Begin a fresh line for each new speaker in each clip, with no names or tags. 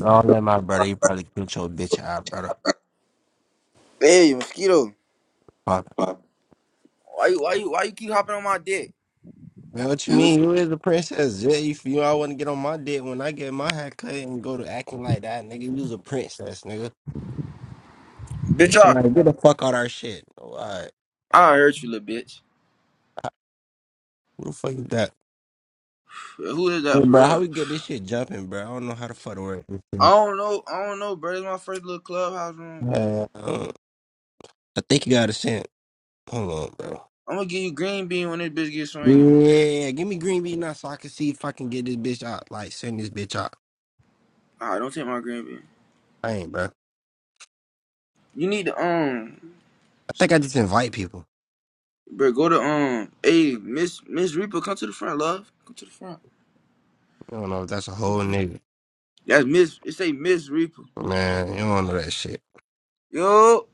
Don't let my brother. You probably killed your bitch out, brother.
Hey, mosquito.
Fuck.
Why you why you why you keep hopping on my dick?
Man, what you mean? You is a princess. Yeah, you, you all want to get on my dick when I get my hair cut and go to acting like that, nigga. You's a princess, nigga.
Bitch,
It's
I
like, get the fuck out our shit. Oh, all right.
I hurt you, little bitch.
Who the fuck is that?
Who is
Hey,
that for
bro, how
real?
we get this shit jumping, bro? I don't know how the fuck to work this
I
shit.
don't know. I don't know, bro. It's my first little clubhouse room, bro.
Uh, uh, I think you got a cent. Hold on, bro.
I'm gonna give you green bean when this bitch gets swinging.
Yeah, give me green bean now so I can see if I can get this bitch out. Like, send this bitch out.
Alright, don't take my green bean.
I ain't, bro. I
You need to um,
think I just invite people.
bro. Go to um. Hey, Miss Miss Reaper, come to the front, love. Come to the front.
I don't know if that's a whole nigga.
That's Miss. It say Miss Reaper.
Man, you don't want to know that shit.
Yo,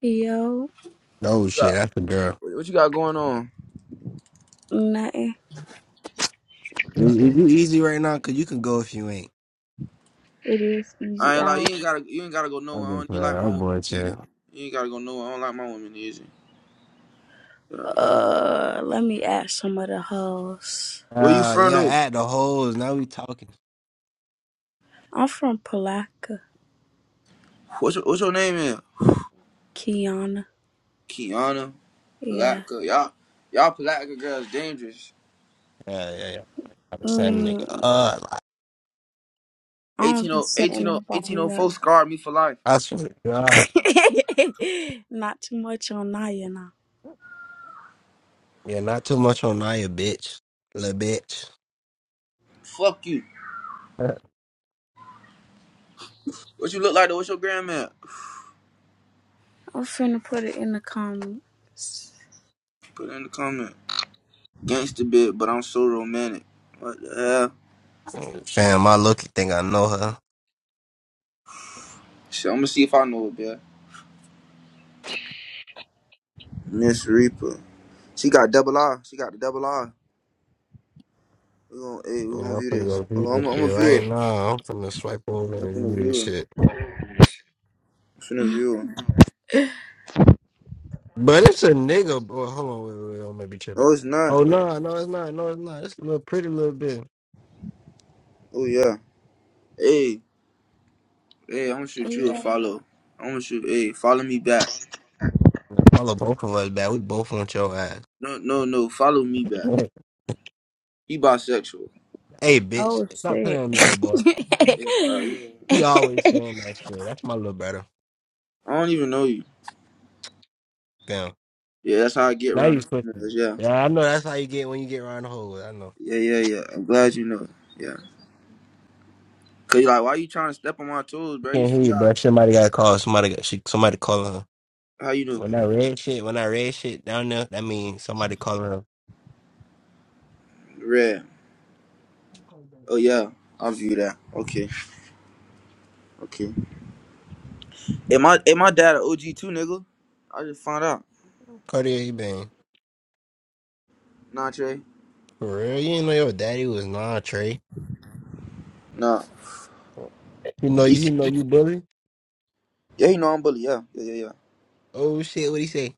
Yo,
Oh
what you
shit,
got
that's a girl.
what you got going on?
nothing.
You, you you easy right now? Cause you can go if you ain't.
It is
I
easy
ain't like you
out.
ain't gotta you ain't gotta go
I've
nowhere. I
been
don't even
playing.
like my
I'm
woman
boy
easy.
too.
You ain't gotta go nowhere. I don't like my woman easy. Yeah.
Uh, let me add some of the hoes.
Where you
Uh,
from
yeah,
though?
at the holes. Now we talking.
I'm from Palaka,
What's your, what's your name is?
Kiana.
Kiana,
Yeah.
Palatka. Y'all y'all Palatka girls dangerous.
Yeah, yeah, yeah. I'm a saying, nigga.
Mm,
Uh,
I don't
eighteen
be
o
setting
eighteen o eighteen
nobody
o four
up.
scarred me for life.
I swear to God.
Not too much on Naya now.
Yeah, not too much on Naya, bitch. Little bitch.
Fuck you. What you look like though? What's your grandma?
I'm finna put it in the comment.
Put it in the comment. Gangsta bit, but I'm so romantic. What the hell?
Fam, I look you think I know her.
Shit, I'm gonna see if I know it, bitch. Miss Reaper. She got double R. She got the double R. We gonna hey, we gonna
Yeah, I'm
view
finna
this.
go do
Hold on, I'm,
this
gonna- I'm
shit
gonna view
right
it.
now. I'm finna swipe over
I'm
and
finna
read this
view it.
shit.
I'm finna view it.
But it's a nigga. Boy, hold on, wait, wait, wait, I might be tripping.
Oh, it's
Oh
not, bro.
no, no, it's not. No, it's not. It's a little pretty little bit.
Oh yeah. Hey, hey, I'm gonna shoot you a
Yeah.
follow. I'm gonna shoot. Hey, follow me back.
Now Follow both of us back. We both want your ass.
No, no, no. Follow me back.
hey,
He bisexual.
bitch,
Oh
stop
shit.
playing with me, little boy.
Yeah, nah, you-
You always saying that shit. That's my little brother.
I don't even know you.
Damn.
Yeah, that's how I get
Now
around
you
the
twisting.
females.
it.
Yeah,
Yeah, I know. That's how you get when you get around the hole. I know.
yeah, yeah, yeah. I'm glad you know. Yeah, cause you like, why you trying to step on my toes, bro? You
Can't hear
see
you,
how?
bro. Somebody got to call. Somebody got. She, somebody calling her.
How you know?
When that red shit, when that red shit down there, that means somebody calling her.
Red. Oh yeah, I'll view that. Okay, okay. Am I? Am my dad an OG too, nigga? I just found out.
Cartier, you been
Nah, Trey.
for real? You didn't know your daddy was non Trey.
Nah.
He know you.
He's
He know you, bully.
Yeah, he know I'm bully. Yeah, yeah, yeah, yeah.
Oh shit, what he say?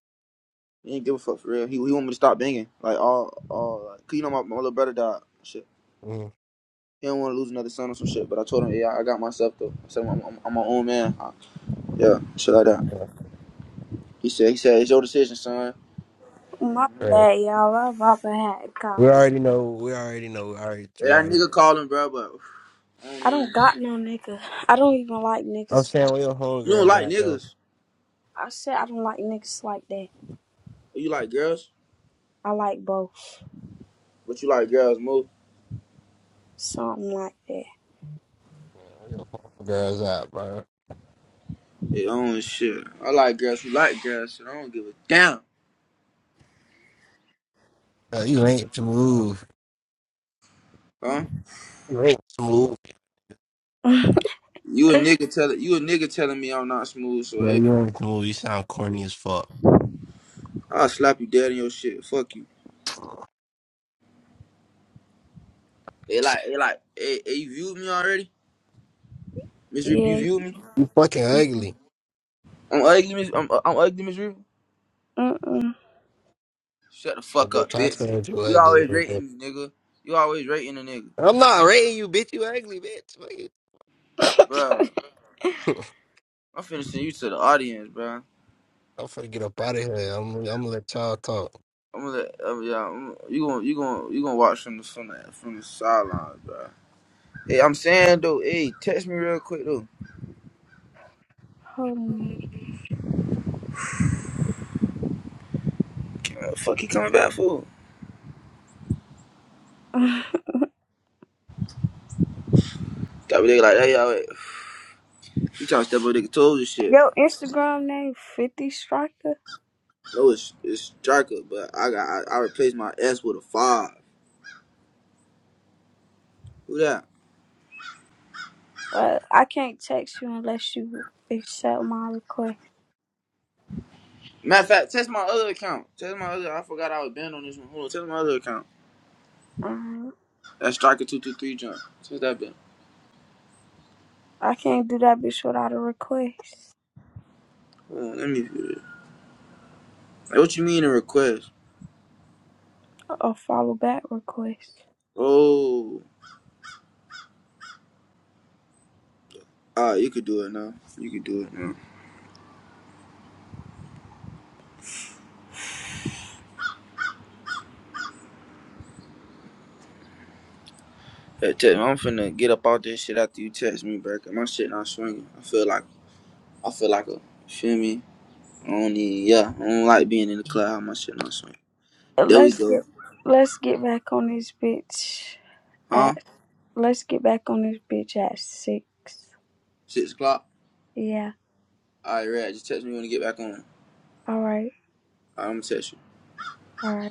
He ain't give a fuck for real. He, he want me to stop banging. Like all, all. Like, Cause you know my, my little brother died. and Shit.
Mm,
He don't want to lose another son or some shit. But I told him, yeah, I got myself though. I said I'm, I'm, I'm my own man. I- yeah, shit like that.
yeah,
He said, he said it's your decision, son.
My
right.
bad, y'all. I'm about to have a
We
call.
already know. We already know. We already. We
Yeah, that
already.
nigga called him, bro. But I don't
I
need.
don't got no nigga. I don't even like
I'm
niggas.
saying where your
You don't
homegirls
like
at though.
niggas.
I said I don't like niggas like that.
Oh, You like girls.
I like both.
But you like girls more.
Something like
Yeah, Where your homegirls at, bro?
Yeah, I don't shit. I like girls who like girls. Shit, I don't give a damn.
Uh, you ain't smooth.
Huh?
You ain't smooth.
that.
You a nigga tell you a nigga telling me I'm not smooth. So
Yeah,
hey,
you ain't smooth. You sound corny as fuck.
I'll slap you dead in your shit. Fuck you. They like, they like, hey, hey, you viewed me already? Miss Reaper, you
yeah.
viewed me?
You fucking ugly.
I'm ugly, Miss, I'm, I'm ugly, Miss Reaper?
Mm-mm.
Shut the
But
fuck up,
bitch, I
bitch.
said you
You
ugly.
always
little bitch.
rating me, nigga. You always rating a nigga.
I'm not rating you, bitch. You ugly, bitch. Fuck you.
bro. I'm finna send you to the audience, bro.
I'm finna get up out of here. I'm. I'm gonna let y'all talk.
I'm gonna, let, uh, yeah, I'm, you gonna, you gonna, you gonna watch from the, from the, from the sidelines, bro. Hey, I'm saying though, hey, text me real quick though.
Hold
Uh, fuck, he coming back for? Stop a nigga like that, y'all. Wait. You trying to step on nigga toes and shit.
Your Instagram name 50 Striker?
No, it's, it's striker, but I got, I, I replaced my S with a five. Who that?
Well, I can't text you unless you accept my request.
Matter of fact, test my other account. Test my other. I forgot I was banned on this one. Hold on, test my other account.
Um,
That striker two two three jump. Test that been.
I can't do that bitch without a request.
Hold on, let me do it. Like, what you mean a request?
A follow back request.
Oh, ah, you could do it now. You could do it now. Hey, test. I'm finna get up out this shit after you text me, bro. 'cause my shit not swinging. I feel like I feel like a. you Feel me? I don't need. Yeah, I don't like being in the cloud. My shit not swinging.
Uh,
There we
Let's
go.
get let's get back on this bitch
Huh?
at let's get back on this bitch at six.
Six o'clock.
Yeah.
All right, Red. Just text me when you get back on. All right,
All right.
I'm gonna text you.
All right.